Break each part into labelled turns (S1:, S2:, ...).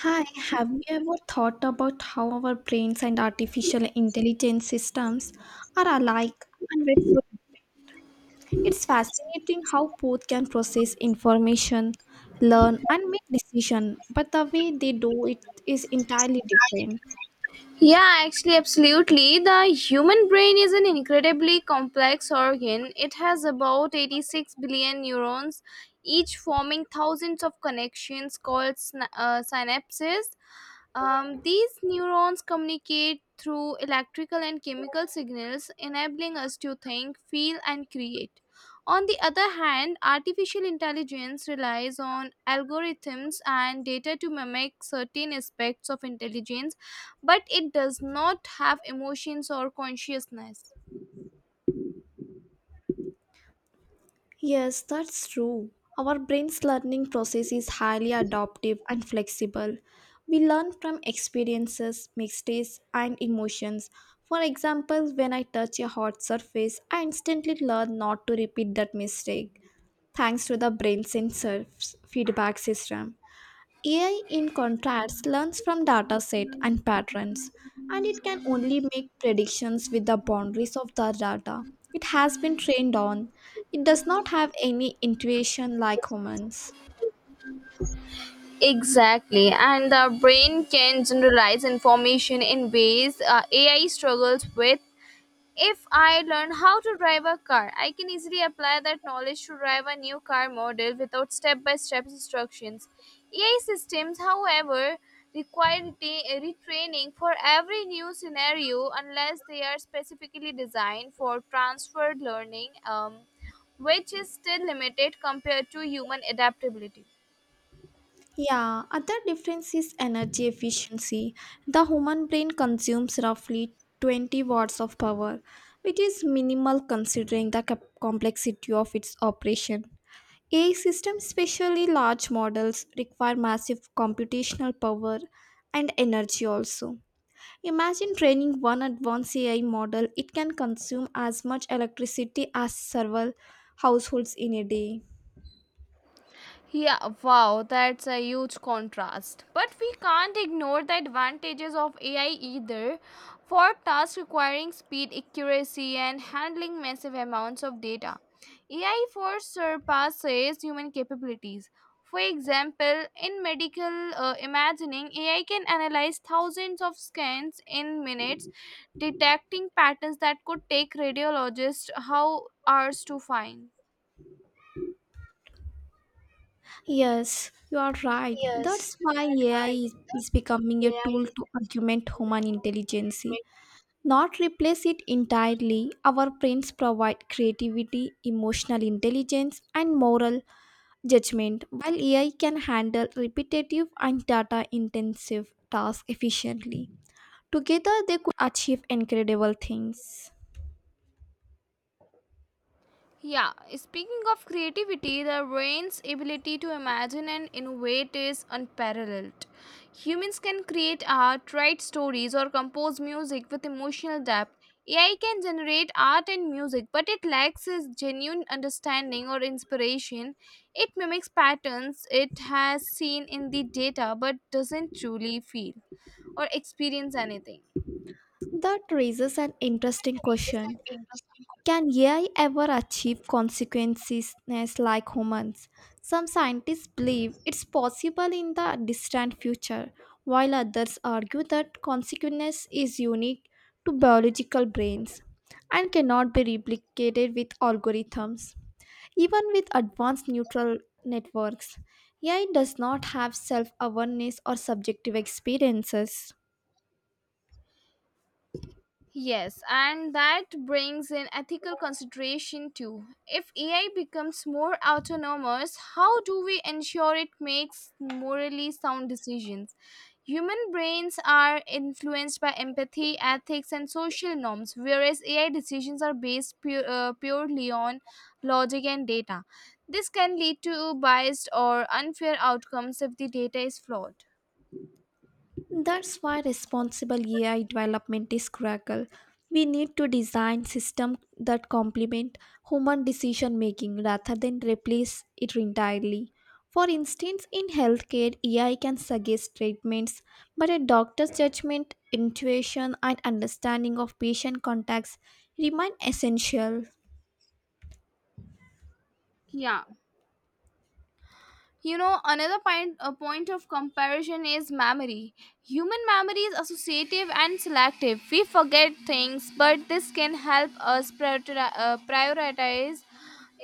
S1: Hi, have you ever thought about how our brains and artificial intelligence systems are alike and very different? It's fascinating how both can process information, learn, and make decisions, but the way they do it is entirely different.
S2: Yeah, actually, absolutely. The human brain is an incredibly complex organ. It has about 86 billion neurons, each forming thousands of connections called synapses. These neurons communicate through electrical and
S1: Is
S2: chemical
S1: related to
S2: signals,
S1: the
S2: enabling us
S1: different
S2: to
S1: kinds
S2: think,
S1: of friends
S2: feel,
S1: in
S2: and
S1: our lives do things
S2: create.
S1: for each other.
S2: On the other
S1: Only a
S2: hand,
S1: few are
S2: artificial
S1: special friends
S2: intelligence relies
S1: who love
S2: on
S1: us for who we are, and
S2: algorithms and data to
S1: not for what
S2: mimic certain aspects
S1: we
S2: of intelligence, but it does not have emotions or
S1: have or what
S2: consciousness.
S1: we do. Yes, that's true. Our brain's learning process is highly adaptive and flexible. We learn from experiences, mistakes, and emotions. For example, when I touch a hot surface, I instantly learn not to repeat that mistake thanks to the brain's sensor feedback system. AI, in contrast, learns from data set and patterns, and it can only make predictions with the boundaries of the data it has been trained on. It does not have any intuition like humans.
S2: Exactly, and the brain can generalize information in ways AI struggles with. If I learn how to drive a car, I can easily apply that knowledge to drive a new car model without step by step instructions. AI systems, however, require retraining for every new scenario unless they are specifically designed for transferred learning, which is still limited compared to human adaptability.
S1: Yeah, other difference is energy efficiency. The human brain consumes roughly 20 watts of power, which is minimal considering the complexity of its operation. AI systems, especially large models, require massive computational power and energy also. Imagine training one advanced AI model, it can consume as much electricity as several households in a day.
S2: Yeah, wow, that's a huge contrast. But we can't ignore the advantages of AI either. For tasks requiring speed, accuracy, and handling massive amounts of data, AI for surpasses human capabilities. For example, in medical imagining, AI can analyze thousands of scans in minutes, detecting patterns that could take radiologists how hours to find.
S1: Yes, you are right. That's why AI is becoming a tool to augment human intelligence, not replace it entirely. Our brains provide creativity, emotional intelligence, and moral judgment. While AI can handle repetitive and data intensive tasks efficiently, together they could achieve incredible things.
S2: Yeah, speaking of creativity, the brain's ability to imagine and innovate is unparalleled. Humans can create art, write stories, or compose music with emotional depth. AI can generate art and music, but it lacks a genuine understanding or inspiration. It mimics patterns it has seen in the data but doesn't truly feel or experience anything.
S1: That raises an interesting question. Can AI ever achieve consequences like humans? Some scientists believe it's possible in the distant future, while others argue that consequence is unique to biological brains and cannot be replicated with algorithms. Even with advanced neural networks, AI does not have self awareness or subjective experiences.
S2: Yes, and that brings in ethical consideration too. If AI becomes more autonomous, how do we ensure it makes morally sound decisions? Human brains are influenced by empathy, ethics, and social norms, whereas AI decisions are based purely on logic and data. This can lead to biased or unfair outcomes if the data is flawed.
S1: That's why responsible AI development is critical. We need to design systems that complement human decision making rather than replace it entirely. For instance, in healthcare, AI can suggest treatments, but a doctor's judgment, intuition, and understanding of patient contacts remain essential.
S2: Yeah. Another point, a point of comparison is memory. Human memory is associative and selective. We forget things, but this can help us prioritize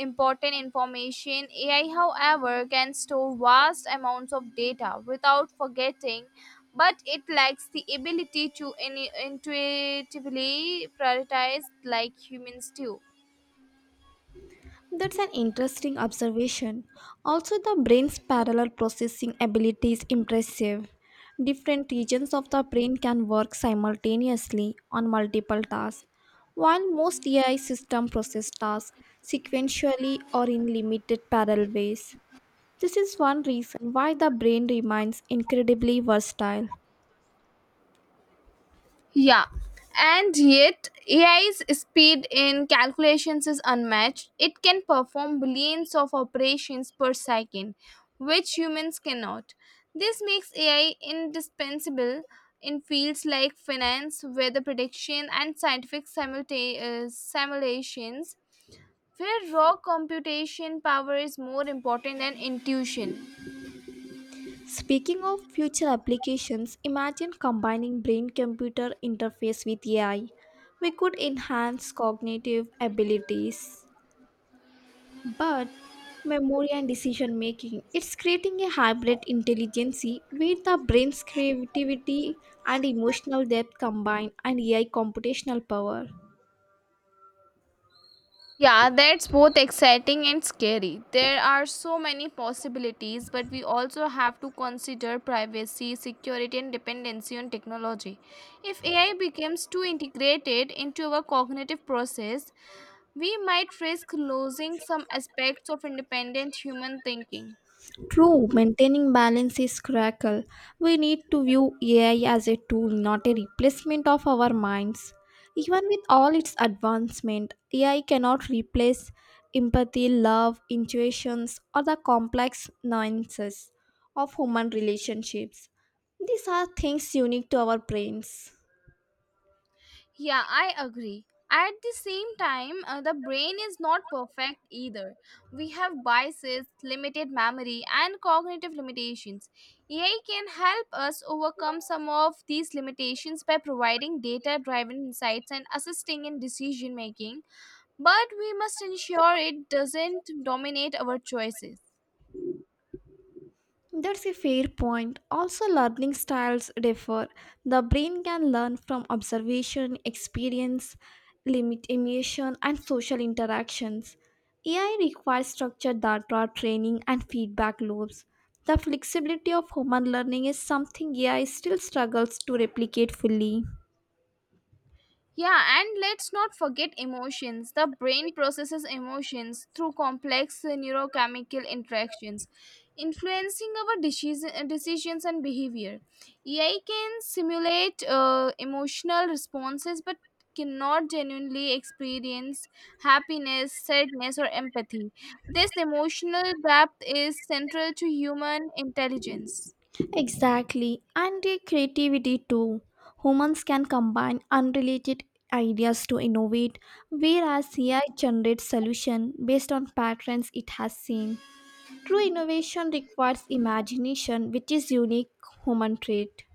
S2: important information. AI, however, can store vast amounts of data without forgetting, but it lacks the ability to intuitively prioritize like humans do.
S1: That's an interesting observation. Also, the brain's parallel processing ability is impressive. Different regions of the brain can work simultaneously on multiple tasks. While most AI systems process tasks sequentially or in limited parallel ways, this is one reason why the brain remains incredibly versatile.
S2: Yeah, and yet AI's speed in calculations is unmatched. It can perform billions of operations per second, which humans cannot. This makes AI indispensable in fields like finance, weather prediction, and scientific simulations, where raw computation power is more important than intuition.
S1: Speaking of future applications, imagine combining brain computer interface with AI. We could enhance cognitive abilities, but memory and decision making. It's creating a hybrid intelligence where the brain's creativity and emotional depth combine and AI computational power.
S2: Yeah, that's both exciting and scary. There are so many possibilities, but we also have to consider privacy, security, and dependency on technology. If AI becomes too integrated into our cognitive process, we might risk losing some aspects of independent human thinking.
S1: True, maintaining balance is critical. We need to view AI as a tool, not a replacement of our minds. Even with all its advancement, AI cannot replace empathy, love, intuitions, or the complex nuances of human relationships. These are things unique to our brains.
S2: Yeah, I agree. At the same time, the brain is not perfect either. We have biases, limited memory, and cognitive limitations. AI can help us overcome some of these limitations by providing data driven insights and assisting in decision making, but we must ensure it doesn't dominate our choices.
S1: That's a fair point. Also, learning styles differ. The brain can learn from observation, experience, limit emotion, and social interactions. AI requires structured data training and feedback loops. The flexibility of human learning is something AI still struggles to replicate fully.
S2: Yeah, and let's not forget emotions. The brain processes emotions through complex neurochemical interactions, influencing our decisions and behavior. AI can simulate emotional responses but cannot genuinely experience happiness, sadness, or empathy. This emotional depth is central to human intelligence.
S1: Exactly, and their creativity too. Humans can combine unrelated ideas to innovate, whereas AI generates solution based on patterns it has seen. True innovation requires imagination, which is unique human trait.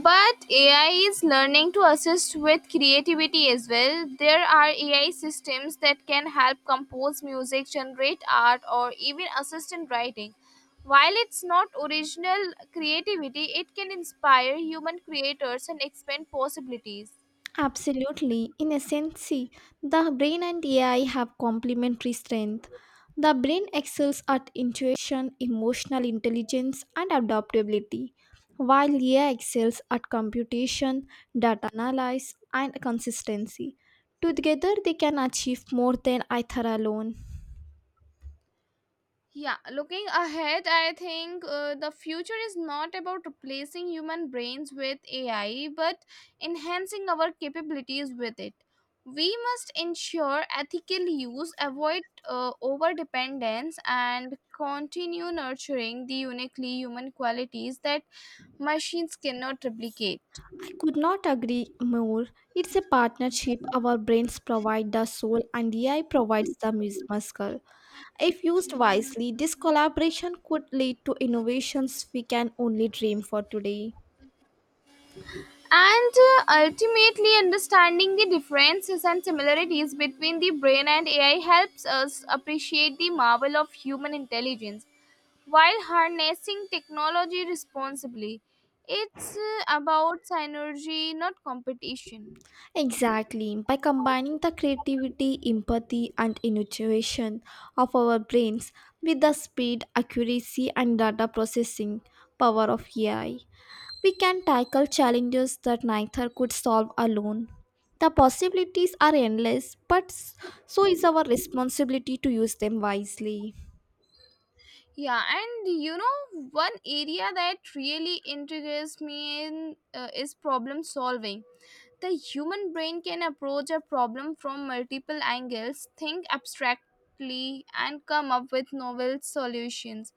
S2: But AI is learning to assist with creativity as well. There are AI systems that can help compose music, generate art, or even assist in writing. While it's not original creativity, it can inspire human creators and expand possibilities.
S1: Absolutely. In essence, see, the brain and AI have complementary strength. The brain excels at intuition, emotional intelligence, and adaptability, while AI excels at computation, data analysis, and consistency. Together, they can achieve more than either alone.
S2: Yeah, looking ahead, I think the future is not about replacing human brains with AI, but enhancing our capabilities with it. We must ensure ethical use, avoid over dependence, and continue nurturing the uniquely human qualities that machines cannot replicate.
S1: I could not agree more. It's a partnership. Our brains provide the soul, and AI provides the muscle. If used wisely, this collaboration could lead to innovations we can only dream for today.
S2: And ultimately understanding the differences and similarities between the brain and AI helps us appreciate the marvel of human intelligence while harnessing technology responsibly. It's about synergy, not competition.
S1: Exactly. By combining the creativity, empathy, and intuition of our brains with the speed, accuracy, and data processing power of AI, we can tackle challenges that neither could solve alone. The possibilities are endless, so is our responsibility to use them wisely.
S2: Yeah, and you know, one area that really intrigues me is problem solving. The human brain can approach a problem from multiple angles, think abstractly, and come up with novel solutions.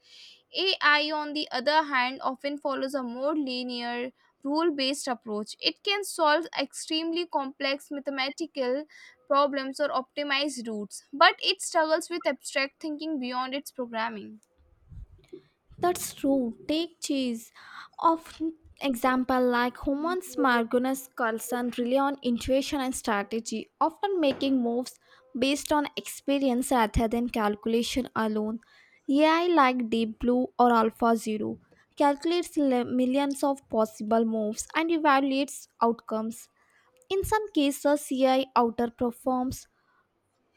S2: AI, on the other hand, often follows a more linear, rule based approach. It can solve extremely complex mathematical problems or optimize routes, but it struggles with abstract thinking beyond its programming.
S1: That's true. Take cheese. Of example, like humans, Margunas Carlson rely on intuition and strategy, often making moves based on experience rather than calculation alone. AI like Deep Blue or Alpha Zero calculates millions of possible moves and evaluates outcomes. In some cases, AI outperforms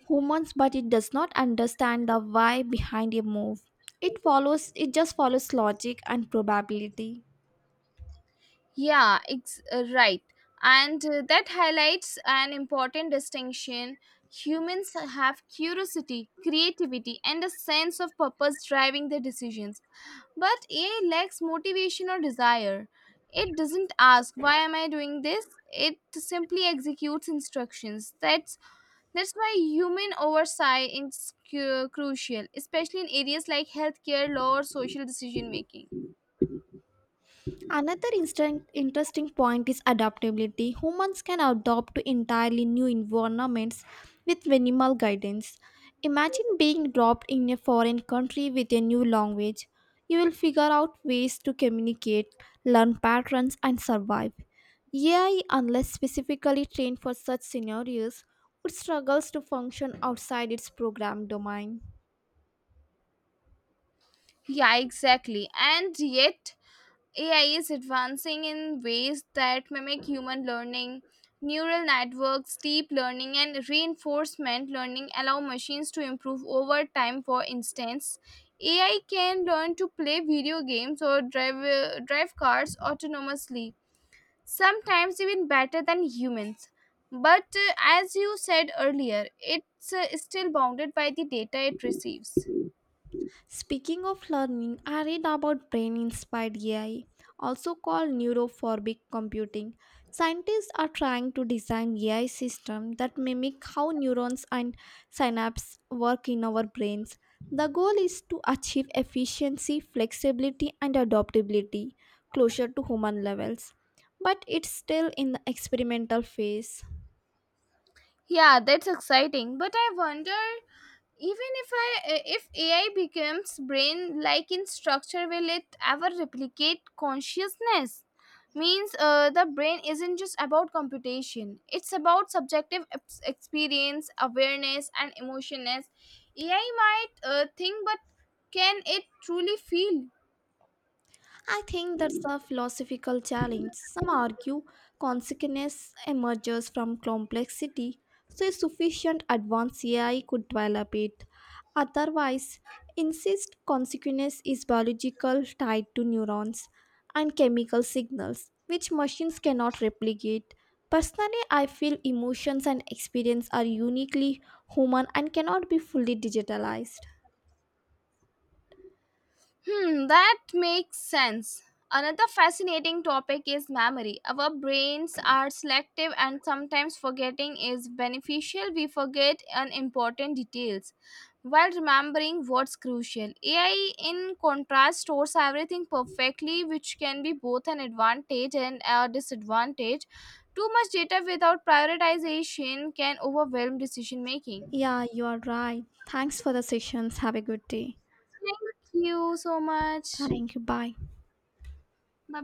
S1: humans but it does not understand the why behind a move it follows, it just follows logic and probability.
S2: Yeah, right. And that highlights an important distinction. Humans have curiosity, creativity, and a sense of purpose driving their decisions. But AI lacks motivation or desire. It doesn't ask why am I doing this? It simply executes instructions. That's why human oversight is crucial, especially in areas like healthcare, law, or social decision making.
S1: Another instant, interesting point is adaptability. Humans can adapt to entirely new environments with minimal guidance. Imagine being dropped in a foreign country with a new language. You will figure out ways to communicate, learn patterns, and survive. AI, unless specifically trained for such scenarios, would struggle to function outside its program domain.
S2: Yeah, exactly. And yet AI is advancing in ways that mimic human learning. Neural networks, deep learning, and reinforcement learning allow machines to improve over time. For instance, AI can learn to play video games or drive cars autonomously, sometimes even better than humans. But as you said earlier, it's still bounded by the data it receives.
S1: Speaking of learning, I read about brain inspired AI, also called neurophobic computing. Scientists are trying to design AI systems that mimic how neurons and synapses work in our brains. The goal is to achieve efficiency, flexibility, and adaptability closer to human levels, but it's still in the experimental phase.
S2: Yeah, that's exciting. But I wonder, even if I if AI becomes brain like in structure, will it ever replicate consciousness? Means the brain isn't just about computation; it's about subjective experience, awareness, and emotionness. AI might think, but can it truly feel?
S1: I think that's a philosophical challenge. Some argue consciousness emerges from complexity, so a sufficient advanced AI could develop it. Otherwise, insist consciousness is biological tied to neurons and chemical signals, which machines cannot replicate. Personally, I feel emotions and experience are uniquely human and cannot be fully digitalized.
S2: Hmm, that makes sense. Another fascinating topic is memory. Our brains are selective and sometimes forgetting is beneficial. We forget unimportant details while remembering what's crucial. AI, in contrast, stores everything perfectly, which can be both an advantage and a disadvantage. Too much data without prioritization can overwhelm decision making.
S1: Yeah, you are right. Thanks for the sessions. Have a good day.
S2: Thank you so much.
S1: Thank you. Bye.
S2: Bye